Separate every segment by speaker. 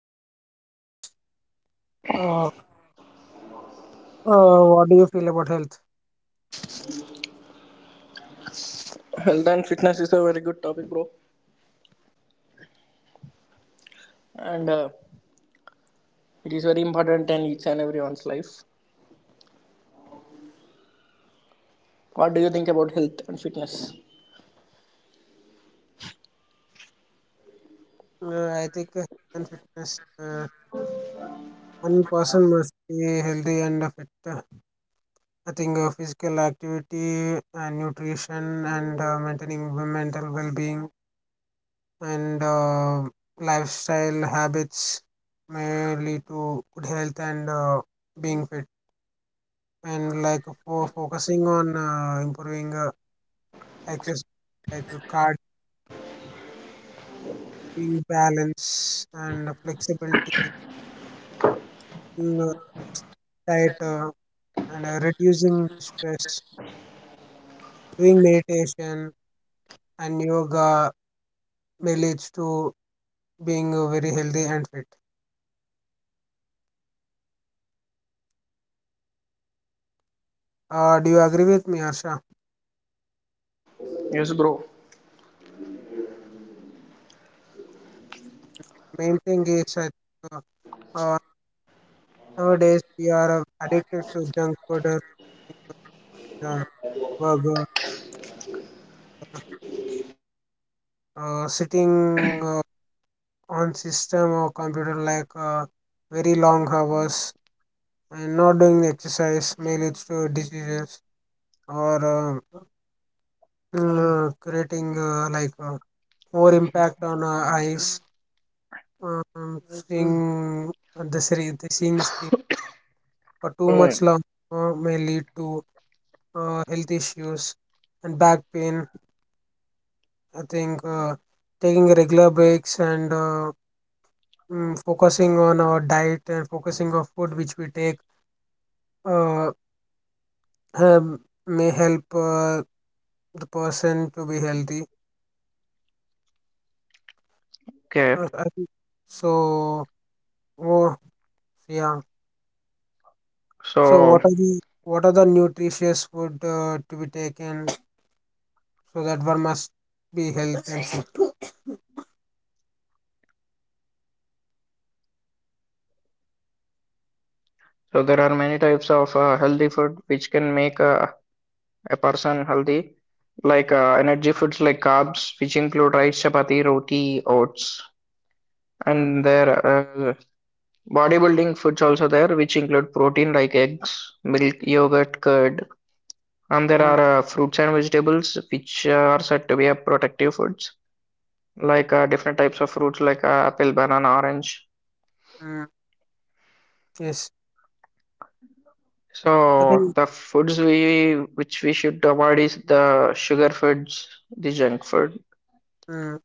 Speaker 1: health and fitness. Uh, what do you feel about health?
Speaker 2: Health and fitness is a very good topic, bro, and it is very important in each and everyone's life. What do you think about health and fitness?
Speaker 1: I think health and fitness. One person must be healthy and fit. I think physical activity and nutrition and maintaining mental well-being and lifestyle habits may lead to good health and being fit. And like for focusing on improving. Exercise like cardio balance and flexibility, being tighter and reducing stress. Doing meditation and yoga may leads to being very healthy and fit. Do you agree with me, Harsha?
Speaker 2: Yes, bro.
Speaker 1: Main thing is, I think, uh, uh, nowadays we are addicted to junk food, or uh, burger, sitting on system or computer like very long hours, and not doing the exercise may lead to diseases or creating like more impact on our eyes, seeing the screen, for too much
Speaker 2: Mm.
Speaker 1: long may lead to health issues and back pain. I think taking regular breaks and focusing on our diet and focusing on food which we take uh, um, may help the person to be healthy.
Speaker 2: Okay,
Speaker 1: Uh, I think- so, oh yeah. So
Speaker 2: so
Speaker 1: what are the nutritious food to be taken so that one must be healthy and fit?
Speaker 2: so there are many types of healthy food which can make a person healthy, like energy foods like carbs, which include rice, chapati, roti, oats,
Speaker 1: Mm,
Speaker 2: and there are bodybuilding foods also there, which include protein like eggs, milk, yogurt, curd, and there
Speaker 1: mm,
Speaker 2: are fruits and vegetables which are said to be a protective foods, like different types of fruits like apple, banana, orange.
Speaker 1: mm. Yes, I
Speaker 2: So
Speaker 1: think,
Speaker 2: the foods we which we should avoid is the sugar foods, the junk food.
Speaker 1: mm,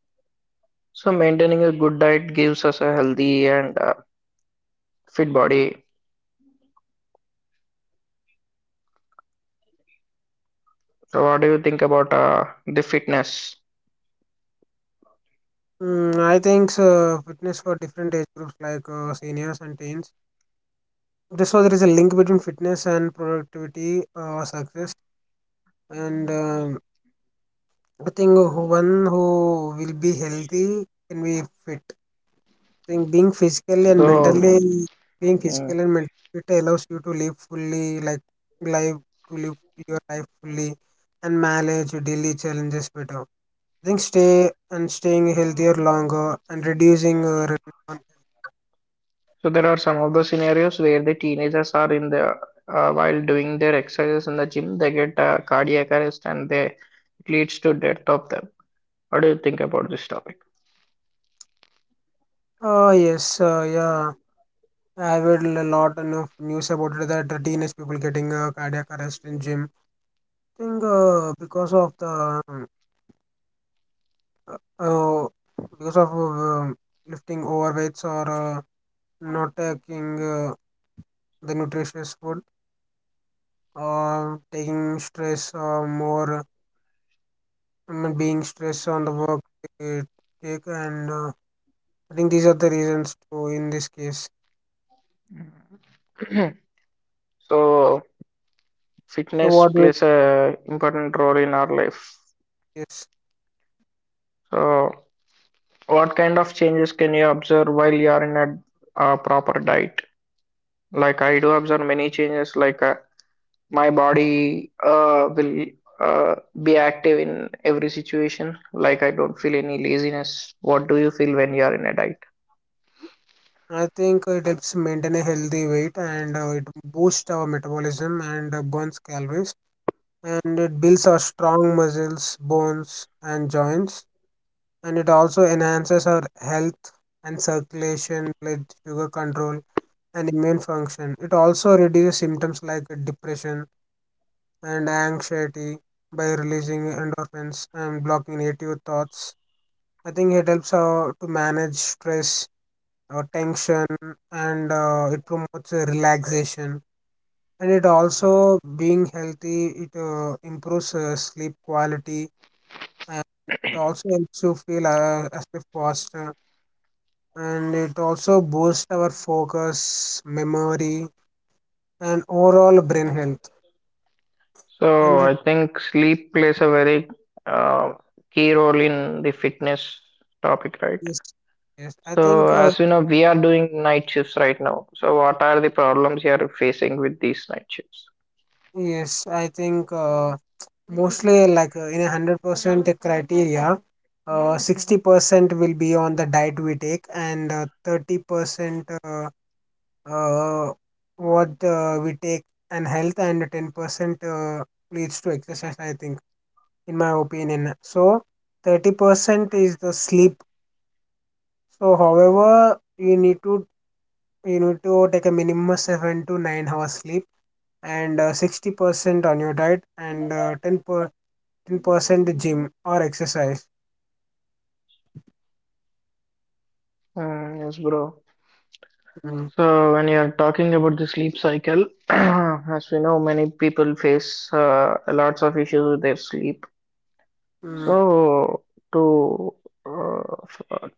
Speaker 2: So maintaining a good diet gives us a healthy and fit body. So what do you think about the fitness?
Speaker 1: I think so, fitness for different age groups like seniors and teens. This So there is a link between fitness and productivity, success, and I think one who will be healthy can be fit. Think Being physically and
Speaker 2: So
Speaker 1: mentally, being
Speaker 2: mm,
Speaker 1: physically and mentally fit allows you to live fully, like live live your life fully and manage your daily challenges better. I think staying healthier longer and reducing
Speaker 2: there are some of the scenarios where the teenagers are in the while doing their exercises in the gym, they get a cardiac arrest and they it leads to death of them. What do you think about this topic?
Speaker 1: oh yes, yeah, I read a lot of news about it that teenage people getting cardiac arrest in gym. I think uh, because of lifting overweights or not taking uh, the nutritious food, or taking stress or more, being stressed on the work they take, and I think these are the reasons too in this case.
Speaker 2: So
Speaker 1: So
Speaker 2: fitness
Speaker 1: what do
Speaker 2: plays a important role in our life.
Speaker 1: Yes,
Speaker 2: So, what kind of changes can you observe while you are in a, proper diet? Like I do observe many changes. Like my body will uh, be active in every situation. Like I don't feel any laziness. What do you feel when you are in a diet?
Speaker 1: I think it helps maintain a healthy weight, and it boosts our metabolism and burns calories, and it builds our strong muscles, bones and joints, and it also enhances our health and circulation, blood sugar control, and immune function. It also reduces symptoms like depression and anxiety by releasing endorphins and blocking negative thoughts. I think it helps to manage stress or tension, and it promotes relaxation. And it also being healthy, it improves sleep quality, and it also helps you feel as if faster. And it also boosts our focus, memory, and overall brain health.
Speaker 2: So
Speaker 1: And
Speaker 2: I think sleep plays a very uh, key role in the fitness topic, right?
Speaker 1: yes, yes. I
Speaker 2: So,
Speaker 1: think,
Speaker 2: as you know, we are doing night shifts right now. So, what are the problems you are facing with these night shifts?
Speaker 1: yes. I think mostly, like in 100% criteria, 60% will be on the diet we take, and 30%, uh, what we take and health, and 10% leads to exercise. I think, in my opinion. So 30% is the sleep. So, however, you need to take a minimum 7 to 9 hours sleep, and 60% on your diet, and 10% gym or exercise.
Speaker 2: Mm, yes, bro.
Speaker 1: Mm.
Speaker 2: So, when you are talking about the sleep cycle, as we know, many people face lots of issues with their sleep.
Speaker 1: Mm.
Speaker 2: So, to uh, f- uh,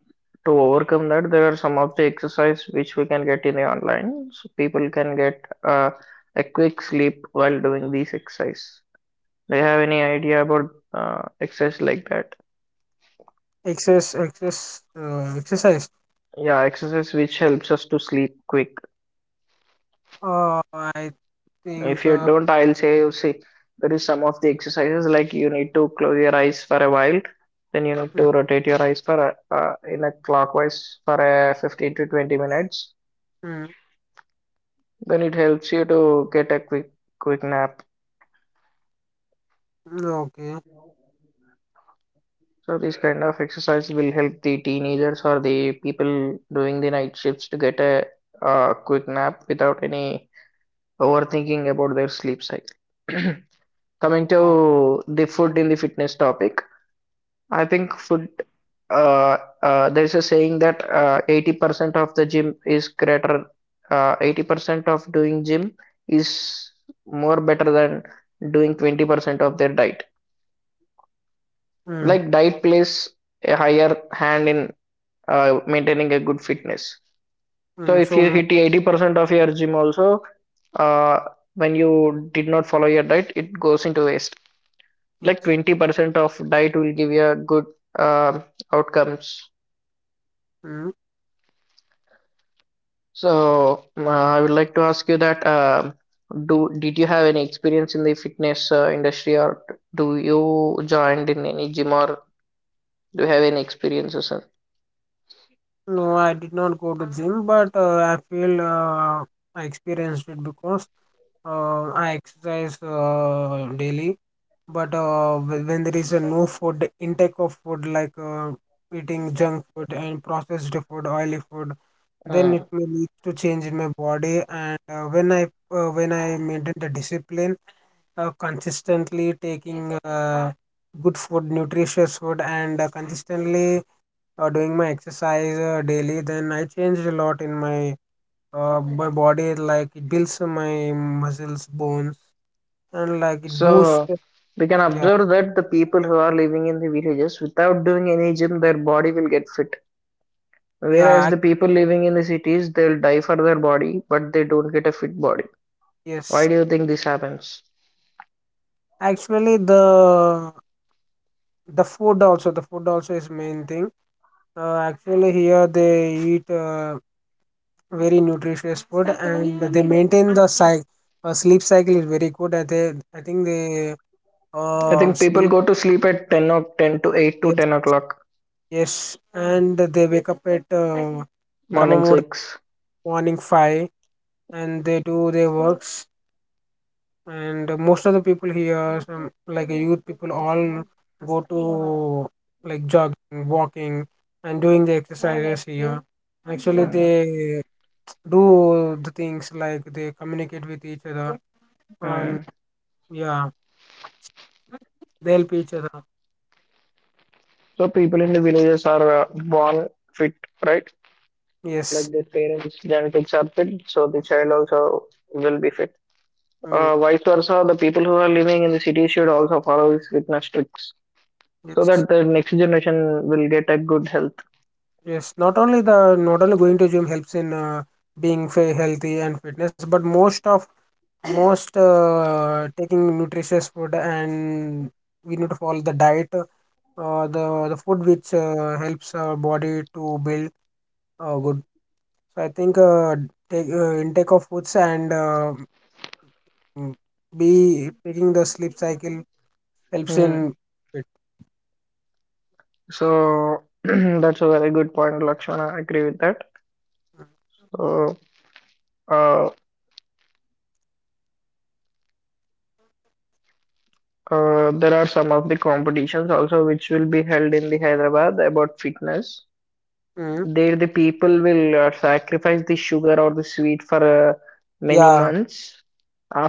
Speaker 2: to overcome that, there are some of the exercise which we can get in the online, so people can get a quick sleep while doing these exercise. Do you have any idea about exercise like that?
Speaker 1: Excess exercise,
Speaker 2: Yeah, exercise which helps us to sleep quick.
Speaker 1: I think
Speaker 2: If you don't, I'll say you see, there is some of the exercises like you need to close your eyes for a while, then you need
Speaker 1: mm,
Speaker 2: to rotate your eyes for a, in a clockwise for a 15 to 20 minutes.
Speaker 1: mm,
Speaker 2: Then it helps you to get a quick nap.
Speaker 1: okay.
Speaker 2: So this kind of exercise will help the teenagers or the people doing the night shifts to get a quick nap without any overthinking about their sleep cycle. Coming
Speaker 1: Oh.
Speaker 2: to the food in the fitness topic, I think food. There's a saying that 80% of the gym is greater, 80% of doing gym is more better than doing 20% of their diet.
Speaker 1: mm,
Speaker 2: Like, diet plays a higher hand in maintaining a good fitness. So,
Speaker 1: mm,
Speaker 2: if
Speaker 1: so
Speaker 2: you
Speaker 1: m-
Speaker 2: hit 80% of your gym also, uh, when you did not follow your diet, it goes into waste. Like
Speaker 1: yes.
Speaker 2: 20% of diet will give you a good um outcomes.
Speaker 1: Mm.
Speaker 2: So I would like to ask you that do did you have any experience in the fitness industry or do you joined in any gym or do you have any experiences in-
Speaker 1: No, I did not go to gym, but I feel I experienced it because I exercise daily, but when there is a no food intake of food like eating junk food and processed food, oily food, then
Speaker 2: Uh,
Speaker 1: it may lead to change in my body. And when I maintain the discipline, consistently taking good food, nutritious food, and consistently doing my exercise daily, then I changed a lot in my body. Like it builds my muscles, bones, and like it boosts
Speaker 2: so we can
Speaker 1: yeah,
Speaker 2: observe that the people who are living in the villages without doing any gym, their body will get fit.
Speaker 1: yeah,
Speaker 2: Whereas the people living in the cities, they'll die for their body, but they don't get a fit body. Why
Speaker 1: yes,
Speaker 2: do you think this happens?
Speaker 1: actually the food also, is main thing. Actually here they eat very nutritious food, and they maintain the cycle, sleep cycle is very good, and they, I think they
Speaker 2: I think people
Speaker 1: sleep.
Speaker 2: go to sleep at 10 or 10 to 8 to
Speaker 1: Yes,
Speaker 2: 10 o'clock,
Speaker 1: yes, and they wake up at Brahma
Speaker 2: morning
Speaker 1: Muhurta,
Speaker 2: 6.
Speaker 1: morning 5, and they do their works, and most of the people here, some like youth people, all go to like jogging, walking, and doing the exercises here, actually
Speaker 2: Mm,
Speaker 1: they do the things like they communicate with each other, and
Speaker 2: mm.
Speaker 1: yeah, they help each other.
Speaker 2: So people in the villages are born fit, right?
Speaker 1: Yes.
Speaker 2: Like their parents' genetics are fit, so the child also will be fit.
Speaker 1: Mm.
Speaker 2: Vice versa, the people who are living in the city should also follow these fitness tricks so
Speaker 1: Yes,
Speaker 2: that the next generation will get a good health.
Speaker 1: yes, not only going to gym helps in being healthy and fitness, but most taking nutritious food. And we need to follow the diet, the food which helps our body to build good. So I think intake of foods, and mm, be taking the sleep cycle helps
Speaker 2: Mm.
Speaker 1: in it.
Speaker 2: So that's a very good point, Lakshmana. I agree with that. So uh, there are some of the competitions also which will be held in the Hyderabad about fitness.
Speaker 1: Mm.
Speaker 2: There the people will sacrifice the sugar or the sweet for many
Speaker 1: Yeah,
Speaker 2: months.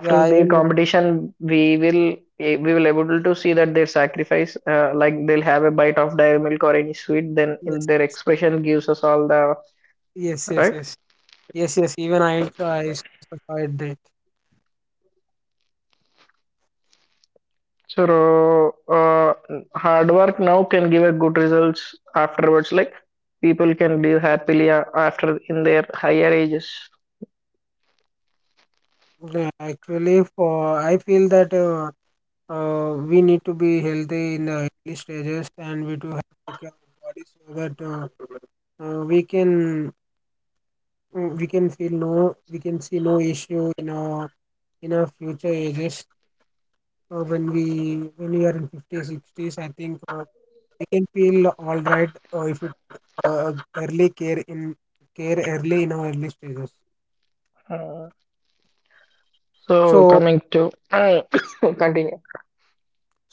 Speaker 1: yeah, I
Speaker 2: their
Speaker 1: will.
Speaker 2: competition, we will we will able to see that their sacrifice, like they'll have a bite of dairy milk or any sweet, then in
Speaker 1: Yes,
Speaker 2: their expression gives us all the
Speaker 1: yes, yes,
Speaker 2: right.
Speaker 1: yes, yes, yes, even I saw that.
Speaker 2: So, hard work now can give a good results afterwards. Like people can live happily after in their higher ages.
Speaker 1: Yeah, actually for, I feel that, we need to be healthy in the early stages, and we do take care of our body so that we can, mm, we can see no issue in our, in our future ages, uh, when we when we are in 50s, 60s, I think we can feel all right, if it early care in, care early in our early stages.
Speaker 2: Uh, so
Speaker 1: So,
Speaker 2: coming to continue.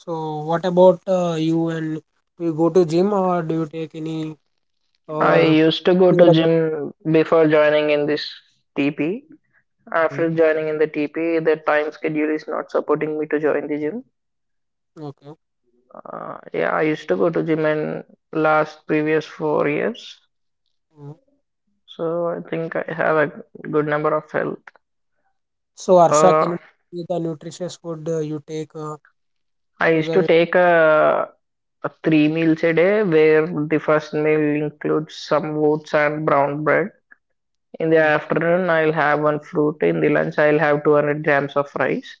Speaker 1: so what about you, and do you go to gym or do you take any
Speaker 2: I
Speaker 1: uh
Speaker 2: used to go
Speaker 1: care
Speaker 2: to
Speaker 1: about?
Speaker 2: gym before joining in this TP.
Speaker 1: Mm,
Speaker 2: After joining in the TP, the time schedule is not supporting me to join the gym.
Speaker 1: okay.
Speaker 2: Yeah, I used to go to gym in last previous 4 years.
Speaker 1: Mm.
Speaker 2: So I think I have a good number of health.
Speaker 1: So, Arsha, can
Speaker 2: Uh,
Speaker 1: you tell me the nutritious food you take,
Speaker 2: I
Speaker 1: so
Speaker 2: used
Speaker 1: that
Speaker 2: to
Speaker 1: it,
Speaker 2: take a three meals a day where the first meal includes some oats and brown bread. In the
Speaker 1: mm,
Speaker 2: afternoon, I'll have one fruit. In the lunch, I'll have 200 grams of rice.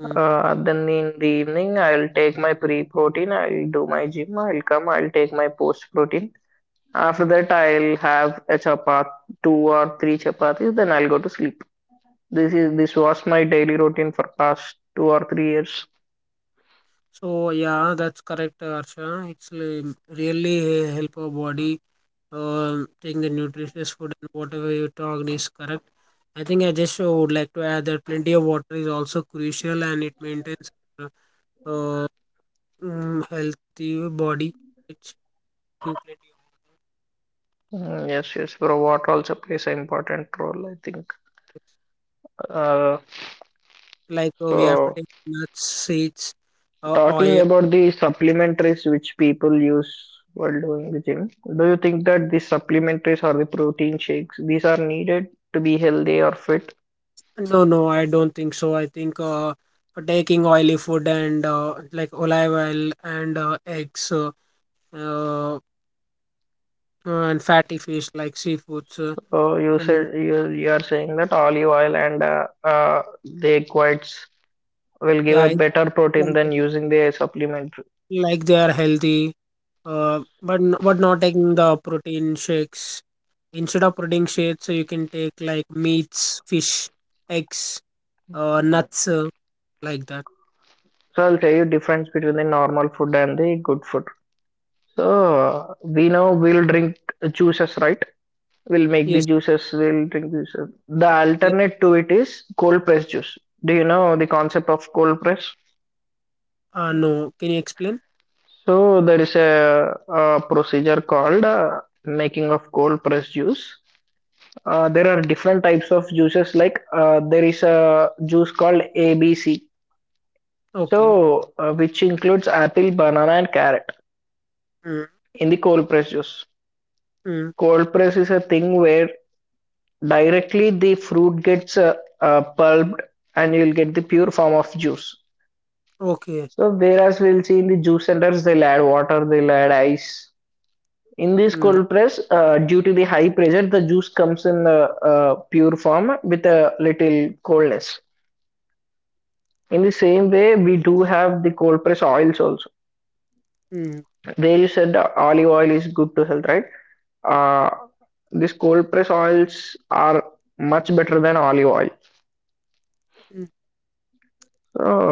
Speaker 1: mm.
Speaker 2: Then in the evening, I'll take my pre protein. I'll do my gym. I'll come. I'll take my post protein. After that, I'll have a chapati, two or three chapatis. Then I'll go to sleep. This was my daily routine for past 2 or 3 years.
Speaker 1: So, yeah, that's correct, Arsha. It's really help our body, uh, taking the nutritious food, and whatever you talked is correct. I think I just would like to add that plenty of water is also crucial, and it maintains uh, uh, healthy body. It's
Speaker 2: Mm, yes, yes, bro. What also plays an important role, I think. Uh,
Speaker 1: like we have to
Speaker 2: so,
Speaker 1: take nuts, seeds,
Speaker 2: Talking
Speaker 1: oil.
Speaker 2: about the supplementaries which people use while doing the gym, do you think that the supplementaries or the protein shakes, these are needed to be healthy or fit?
Speaker 1: No, no, I don't think so. I think taking oily food and like olive oil and eggs, uh, and fatty fish like seafoods,
Speaker 2: You
Speaker 1: and
Speaker 2: said you are saying that olive oil and the egg whites will give
Speaker 1: yeah,
Speaker 2: a
Speaker 1: it's
Speaker 2: better protein than
Speaker 1: like,
Speaker 2: using the supplement.
Speaker 1: like they are healthy, but but not taking the protein shakes. Instead of protein shakes, you can take like meats, fish, eggs,
Speaker 2: Uh,
Speaker 1: nuts, like that.
Speaker 2: So, I'll tell you difference between the normal food and the good food. So we know we'll drink juices, right? We'll make the
Speaker 1: Yes,
Speaker 2: juices, we'll drink juices. The
Speaker 1: yes.
Speaker 2: alternate to it is cold press juice. Do you know the concept of cold press?
Speaker 1: No. Can you explain?
Speaker 2: So there is a procedure called making of cold press juice. There are different types of juices like there is a juice called ABC.
Speaker 1: Okay.
Speaker 2: So which includes apple, banana and carrot
Speaker 1: Mm,
Speaker 2: in the cold press juice.
Speaker 1: mm,
Speaker 2: Cold press is a thing where directly the fruit gets pulped and you'll get the pure form of juice.
Speaker 1: okay.
Speaker 2: So whereas we'll see in the juice centers they'll add water, they'll add ice. In this
Speaker 1: Mm,
Speaker 2: cold press, due to the high pressure, the juice comes in pure form with a little coldness. In the same way, we do have the cold press oils also.
Speaker 1: mm.
Speaker 2: There you said olive oil is good to health, right? Uh, these cold press oils are much better than olive oil.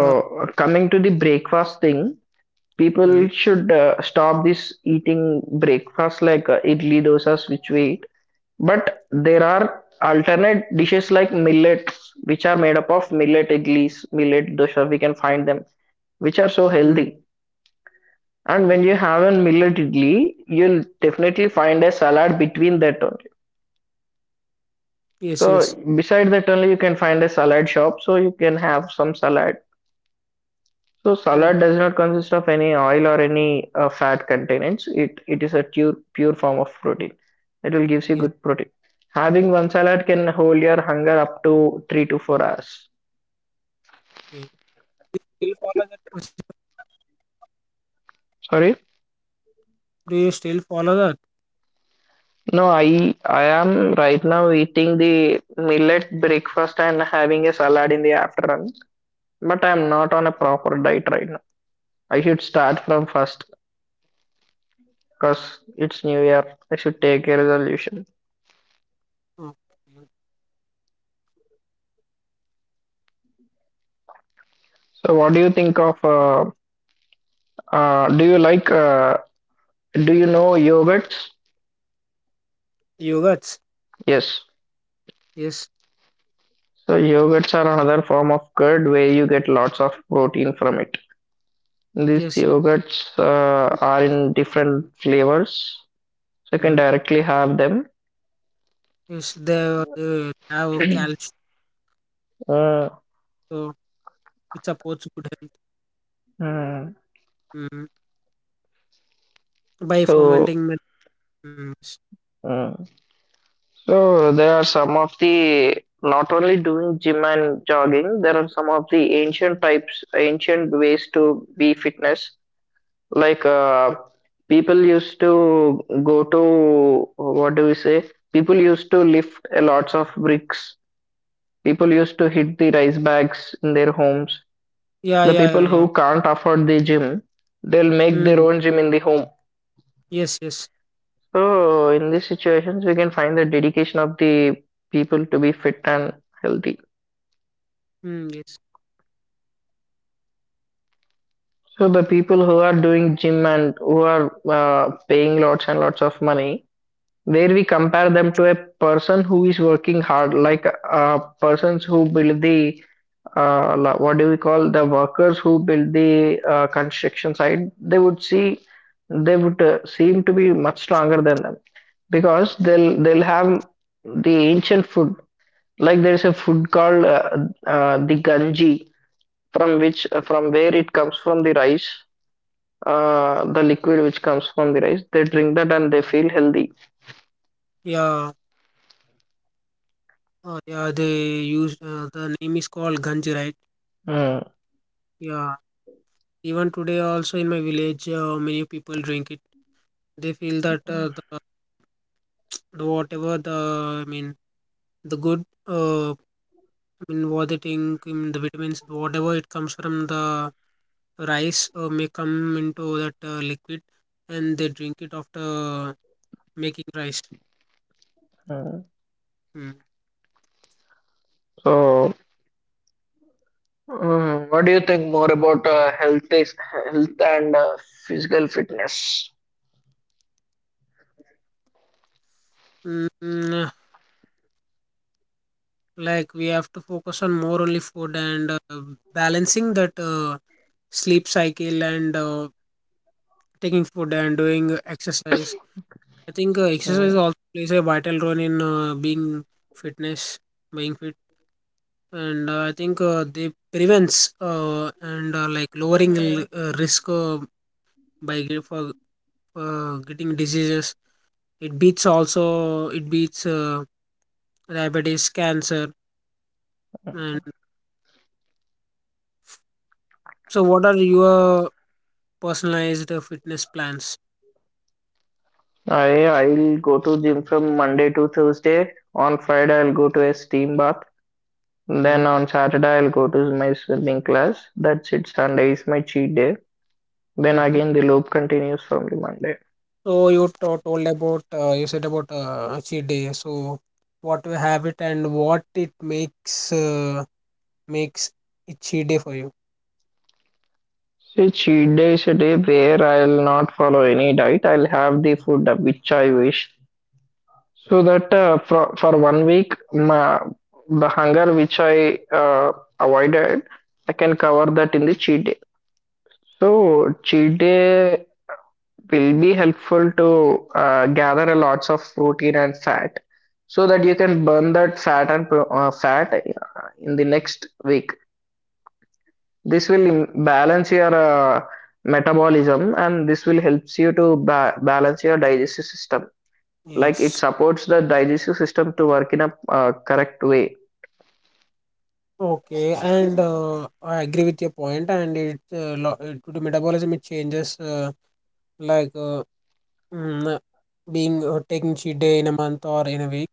Speaker 1: Uh,
Speaker 2: Coming to the breakfast thing, people
Speaker 1: mm,
Speaker 2: should stop this eating breakfast like idli dosas which we eat. But there are alternate dishes like millets, which are made up of millet idlis, millet dosa. We can find them, which are so
Speaker 1: mm,
Speaker 2: healthy. And when
Speaker 1: yeah.
Speaker 2: you have a millet idli, you'll definitely find a salad between that only.
Speaker 1: Yes,
Speaker 2: So
Speaker 1: yes.
Speaker 2: beside that only, you can find a salad shop, so you can have some salad. So
Speaker 1: Mm,
Speaker 2: salad does not consist of any oil or any fat containants. It is a pure form of protein. It will gives you
Speaker 1: yes,
Speaker 2: good protein. Having one salad can hold your hunger up to 3 to 4 hours.
Speaker 1: yes. Still follow that?
Speaker 2: Sorry.
Speaker 1: Do you still follow that?
Speaker 2: No, I am right now eating the millet breakfast and having a salad in the afternoon. But I am not on a proper diet right now. I should start from first because it's New Year. I should take a resolution.
Speaker 1: Okay.
Speaker 2: So what do you think of? Do you like do you know yogurts?
Speaker 1: Yogurts?
Speaker 2: Yes.
Speaker 1: Yes,
Speaker 2: So yogurts are another form of curd where you get lots of protein from it. These
Speaker 1: yes,
Speaker 2: yogurts
Speaker 1: yes.
Speaker 2: are in different flavors, so you can
Speaker 1: Mm.
Speaker 2: directly have them.
Speaker 1: Yes, they have calcium,
Speaker 2: Uh,
Speaker 1: so it supports good health.
Speaker 2: mm,
Speaker 1: Mm. By
Speaker 2: so,
Speaker 1: fermenting milk. Mm. Yes.
Speaker 2: mm. So there are some of the not only doing gym and jogging, there are some of the ancient types, ancient ways to be fitness. Like people used to go to what do we say? People used to lift a lots of bricks. People used to hit the rice bags in their homes.
Speaker 1: Yeah,
Speaker 2: The
Speaker 1: yeah, yeah,
Speaker 2: people
Speaker 1: yeah.
Speaker 2: who can't afford the gym, they'll make their
Speaker 1: Mm.
Speaker 2: own gym in the home.
Speaker 1: Yes, yes.
Speaker 2: So in these situations, we can find the dedication of the people to be fit and healthy.
Speaker 1: Mm, yes.
Speaker 2: So the people who are doing gym and who are paying lots and lots of money, where we compare them to a person who is working hard like persons who build the what do we call the workers who build the construction site they would see they would seem to be much stronger than them because they'll have the ancient food like there is a food called the ganji from which from where it comes from the rice, the liquid which comes from the rice they drink that and they feel healthy.
Speaker 1: Yeah. Yeah, they use, the name is called ganji, right?
Speaker 2: Mm,
Speaker 1: Yeah. Even today, also in my village, many people drink it. They feel that, the whatever the, I mean, the good, I mean, what they think in the vitamins, whatever it comes from the rice, may come into that liquid, and they drink it after making rice.
Speaker 2: mm.
Speaker 1: Mm.
Speaker 2: so what do you think more about health is, health and physical fitness?
Speaker 1: Mm, like we have to focus on more only food, and balancing that sleep cycle, and taking food and doing exercise. I think exercise
Speaker 2: Mm.
Speaker 1: also plays a vital role in fitness, being fit. And I think they prevents, and like lowering, risk, by ge- for getting diseases. It beats diabetes, cancer. And so what are your personalized fitness plans?
Speaker 2: I'll go to gym from Monday to Thursday. On Friday I'll go to a steam bath. Then on Saturday I'll go to my swimming class. That's it. Sunday is my cheat day. Then
Speaker 1: Mm-hmm.
Speaker 2: again the loop continues from the Monday.
Speaker 1: So you told about, you said about cheat day. So what you have it, and what it makes, makes it cheat day for you?
Speaker 2: So cheat day is a day where I'll not follow any diet. I'll have the food which I wish. So that for one week, my, the hunger which I avoided, I can cover that in the cheat day. So cheat day will be helpful to gather a lots of protein and fat, so that you can burn that fat and fat in the next week. This will balance your metabolism, and this will helps you to ba balance your digestive system. Like it
Speaker 1: Yes.
Speaker 2: supports the digestive system to work in a correct way.
Speaker 1: Okay, and I agree with your point, and it, due to metabolism it changes, like mm, being taking cheat day in a month or in a week.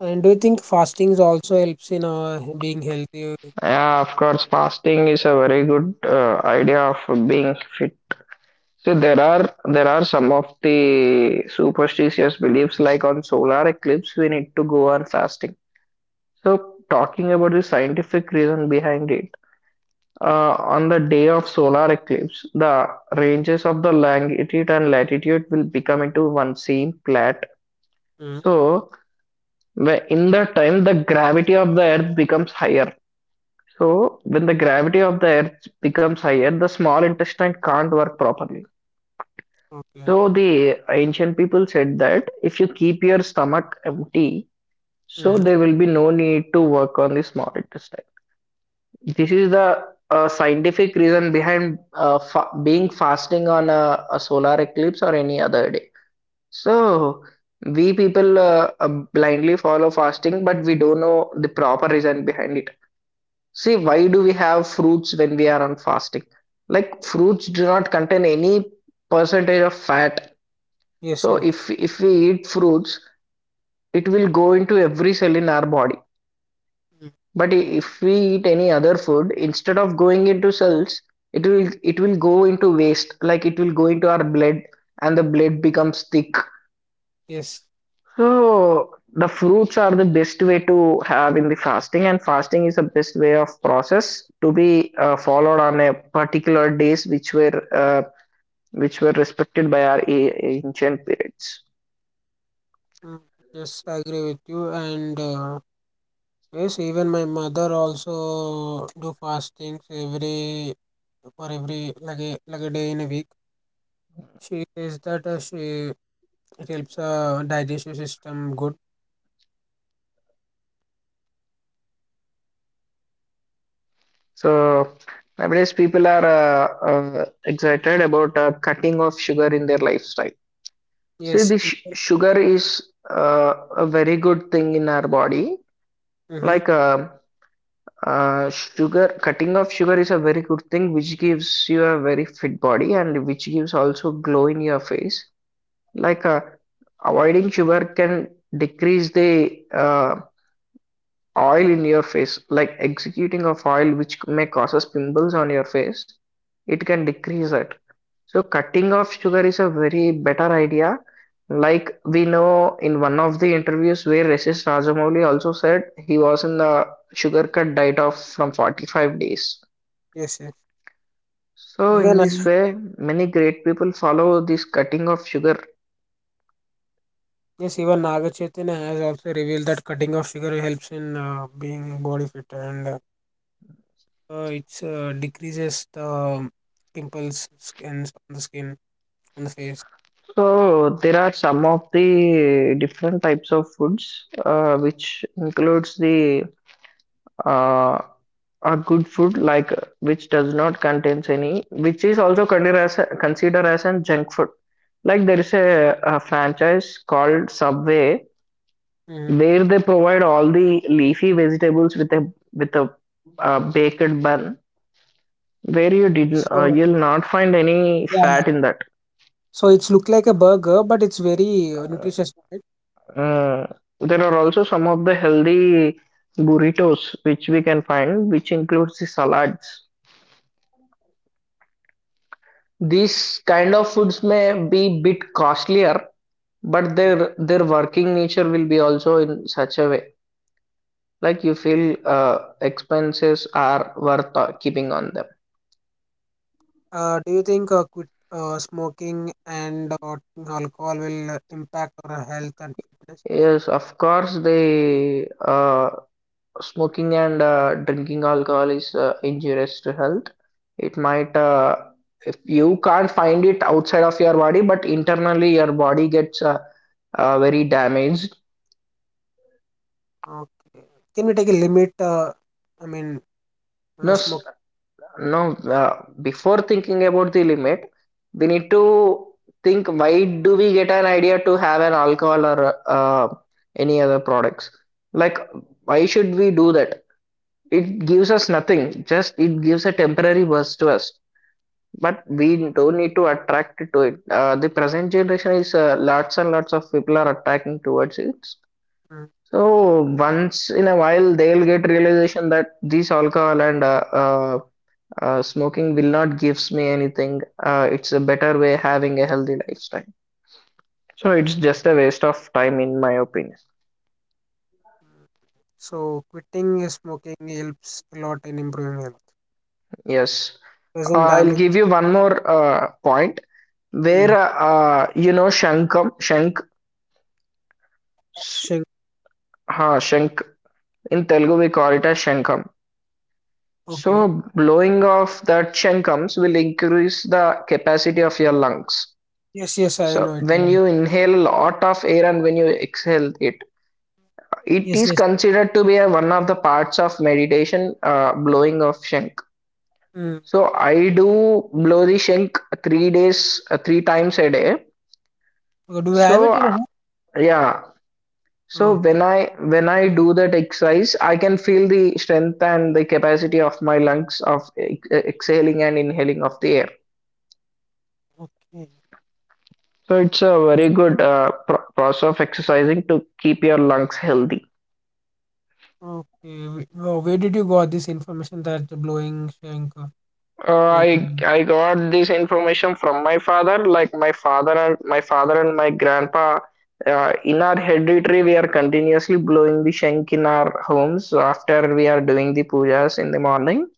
Speaker 1: And do you think fasting is also helps in being healthy?
Speaker 2: Yeah, of course, fasting is a very good idea of being fit. So there are some of the superstitious beliefs like on solar eclipse we need to go on fasting. So talking about the scientific reason behind it, on the day of solar eclipse, the ranges of the longitude and latitude will become into one same flat.
Speaker 1: Mm,
Speaker 2: So where in that time the gravity of the earth becomes higher. So when the gravity of the earth becomes higher, the small intestine can't work properly.
Speaker 1: okay.
Speaker 2: So the ancient people said that if you keep your stomach empty, so
Speaker 1: Mm.
Speaker 2: there will be no need to work on the small intestine. This is the scientific reason behind being fasting on a solar eclipse or any other day. So we people blindly follow fasting, but we don't know the proper reason behind it. See,
Speaker 1: Oh,
Speaker 2: why do we have fruits when we are on fasting? Like fruits do not contain any percentage of fat.
Speaker 1: yes,
Speaker 2: So
Speaker 1: yes.
Speaker 2: if we eat fruits, it will go into every cell in our body.
Speaker 1: Mm,
Speaker 2: But if we eat any other food, instead of going into cells, it will go into waste. Like it will go into our blood, and the blood becomes thick.
Speaker 1: yes.
Speaker 2: So the fruits are the best way to have in the fasting, and fasting is the best way of process to be followed on a particular days which were respected by our ancient periods.
Speaker 1: Mm, yes, I agree with you, and yes, even my mother also do fastings every, for every like a day in a week. She says that she it helps digestion system good.
Speaker 2: So nowadays people are excited about cutting off sugar in their lifestyle. See,
Speaker 1: Yes.
Speaker 2: this sugar is a very good thing in our body.
Speaker 1: Mhm.
Speaker 2: Like sugar cutting off sugar is a very good thing which gives you a very fit body and which gives also glow in your face. like uh, Avoiding sugar can decrease the oil in your face, like executing of oil which may causes pimples on your face, it can decrease it. So cutting off sugar is a very better idea. Like we know in one of the interviews where Resist Rajamouli also said he was in the sugar cut diet of from 45 days.
Speaker 1: Yes. Yes.
Speaker 2: So in
Speaker 1: Even
Speaker 2: this way, many great people follow this cutting of sugar.
Speaker 1: Yes. Even Naga Chaitanya has also revealed that cutting of sugar helps in being body fit, and it decreases the pimples skin on the face.
Speaker 2: So there are some of the different types of foods which includes the uh, a good food like which does not contains any, which is also considered as considered as a junk food, like there is a franchise called Subway
Speaker 1: Hmm.
Speaker 2: where they provide all the leafy vegetables with a baked bun where you didn't
Speaker 1: So
Speaker 2: you'll not find any
Speaker 1: yeah.
Speaker 2: fat in that.
Speaker 1: So it's look like a burger, but it's very nutritious, right?
Speaker 2: Mm, there are
Speaker 1: Yeah.
Speaker 2: also some of the healthy burritos which we can find which includes the salads. These kind of foods may be bit costlier, but
Speaker 1: Mm.
Speaker 2: their working nature will be also in such a way like you feel expenses are worth keeping on them.
Speaker 1: Do you think quit smoking and drinking alcohol will impact our health and fitness?
Speaker 2: Yes, of course, the smoking and drinking alcohol is injurious to health. It might, if you can't find it outside of your body, but internally your body gets very damaged.
Speaker 1: Okay. Can we take a limit? I mean,
Speaker 2: No, s-
Speaker 1: smoking.
Speaker 2: No, before thinking about the limit, we need to think, why do we get an idea to have an alcohol or any other products? Like, why should we do that? It gives us nothing, just it gives a temporary burst to us. But we don't need to attract to it. The present generation is lots and lots of people are attracting towards it.
Speaker 1: Mm.
Speaker 2: So once in a while, they'll get realization that these alcohol and smoking will not gives me anything. It's a better way having a healthy lifestyle. So it's just a waste of time in my opinion.
Speaker 1: So quitting smoking helps a lot in improving health.
Speaker 2: Yes.
Speaker 1: Doesn't
Speaker 2: I'll
Speaker 1: damage.
Speaker 2: give you one more point where
Speaker 1: Mm.
Speaker 2: you know shankam shank
Speaker 1: Sugar.
Speaker 2: ha shank, in Telugu we call it as shankam.
Speaker 1: Okay.
Speaker 2: So blowing off that shankams will increase the capacity of your lungs.
Speaker 1: Yes, yes, I
Speaker 2: So
Speaker 1: know it. Yeah.
Speaker 2: when you inhale a lot of air and when you exhale it, it
Speaker 1: Yes,
Speaker 2: is
Speaker 1: yes.
Speaker 2: considered to be a one of the parts of meditation, blowing of shank.
Speaker 1: Mm.
Speaker 2: So I do blow the shank 3 days, three times a day.
Speaker 1: Oh, do you have
Speaker 2: So
Speaker 1: it in your home?
Speaker 2: yeah. So
Speaker 1: Okay.
Speaker 2: when I do that exercise, I can feel the strength and the capacity of my lungs of exhaling and inhaling of the air.
Speaker 1: Okay.
Speaker 2: So it's a
Speaker 1: Okay.
Speaker 2: very good process of exercising to keep your lungs healthy.
Speaker 1: Okay. Where did you got this information that the blowing shank
Speaker 2: Uh,
Speaker 1: will?
Speaker 2: I I got this information from my father. Like my father and my grandpa, in our hereditary, we are continuously blowing the shank in our homes after we are doing the pujas in the morning.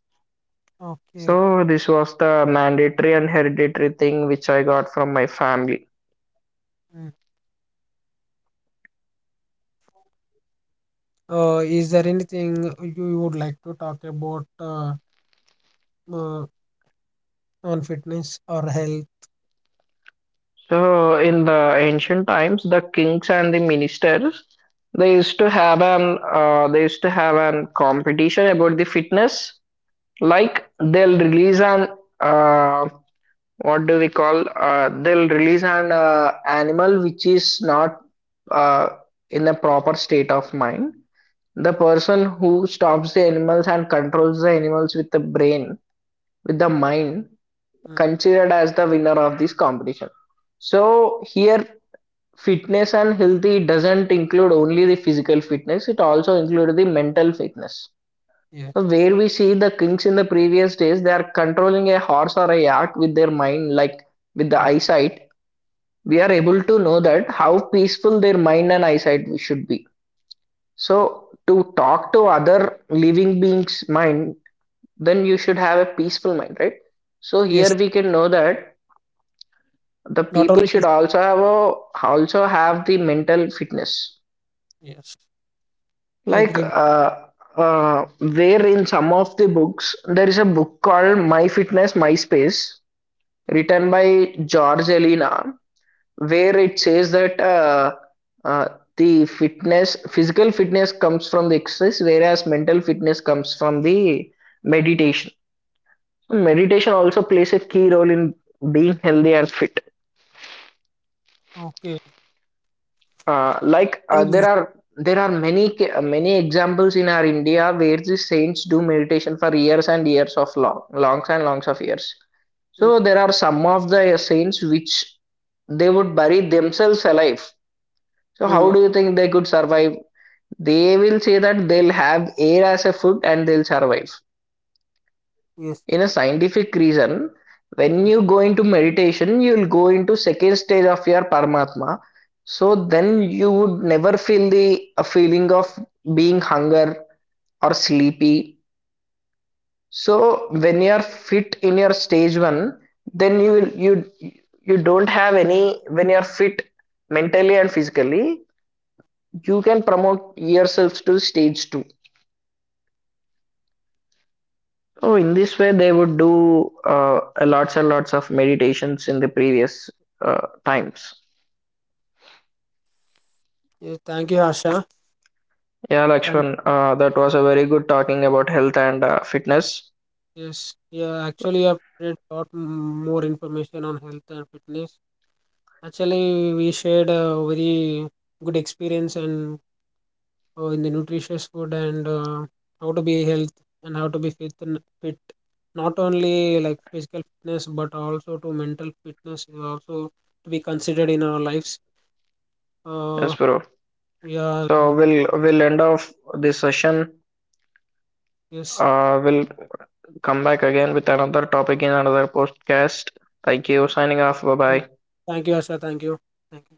Speaker 1: Okay.
Speaker 2: So this was the mandatory and hereditary thing which I got from my family.
Speaker 1: Mm. Is there anything you would like to talk about uh, on fitness or health?
Speaker 2: So in the ancient times, the kings and the ministers they used to have an competition about the fitness, like they'll release an uh, what do we call they'll release an animal which is not uh, in a proper state of mind. The
Speaker 1: Mm.
Speaker 2: person who stops the animals and controls the animals with the brain, with the mind,
Speaker 1: Mm.
Speaker 2: considered as the winner of this competition. So here fitness and healthy doesn't include only the physical fitness, it also includes the mental fitness.
Speaker 1: Yes.
Speaker 2: So, where we see the kings in the previous days, they are controlling a horse or a yacht with their mind, like with the
Speaker 1: Mm.
Speaker 2: eyesight. We are able to know that how peaceful their mind and eyesight should be. So, to talk to other living beings' mind, then you should have a peaceful mind, right? So here
Speaker 1: Yes,
Speaker 2: we can know that the
Speaker 1: not
Speaker 2: people
Speaker 1: only
Speaker 2: should also have the mental fitness.
Speaker 1: yes. I
Speaker 2: Like
Speaker 1: agree. With
Speaker 2: uh, where in some of the books there is a book called My Fitness My Space, written by George Elena, where it says that uh, the fitness, physical fitness comes from the exercise, whereas mental fitness comes from the meditation. Meditation also plays a key role in being healthy and fit.
Speaker 1: okay.
Speaker 2: There
Speaker 1: Mm.
Speaker 2: are many many examples in our India where the saints do meditation for years and years of longs and longs of years.
Speaker 1: Mm,
Speaker 2: So there are some of the saints which they would bury themselves alive. So how
Speaker 1: mm,
Speaker 2: do you think they could survive? They will say that they'll have air as a food and they'll survive.
Speaker 1: yes, yes.
Speaker 2: In a scientific reason, when
Speaker 1: Mm.
Speaker 2: you go into meditation, you'll go into second stage of your Paramatma. So then you would never feel the a feeling of being hunger or sleepy. So when you are fit in your stage one, then you will you you don't have any when you are fit mentally and physically, you can promote yourselves to stage two. Oh, in this way, they would do a lots and lots of meditations in the previous times.
Speaker 1: Yeah, thank you, Asha.
Speaker 2: Yeah,
Speaker 1: Thank
Speaker 2: Lakshman, that was a very good talking about health and fitness.
Speaker 1: Yes. Yeah, actually, I've read a lot more information on health and fitness. Actually, we shared a very good experience and, in the nutritious food, and how to be health, and how to be fit and fit. Not only like physical fitness, but also to mental fitness is also to be considered in our lives. Uh,
Speaker 2: Yes, bro.
Speaker 1: Yeah.
Speaker 2: So
Speaker 1: Mm,
Speaker 2: we'll end off this session.
Speaker 1: yes.
Speaker 2: We'll come back again with another topic in another podcast. Thank you. Signing off. Bye bye.
Speaker 1: Thank you, Asha. Thank you. Thank you.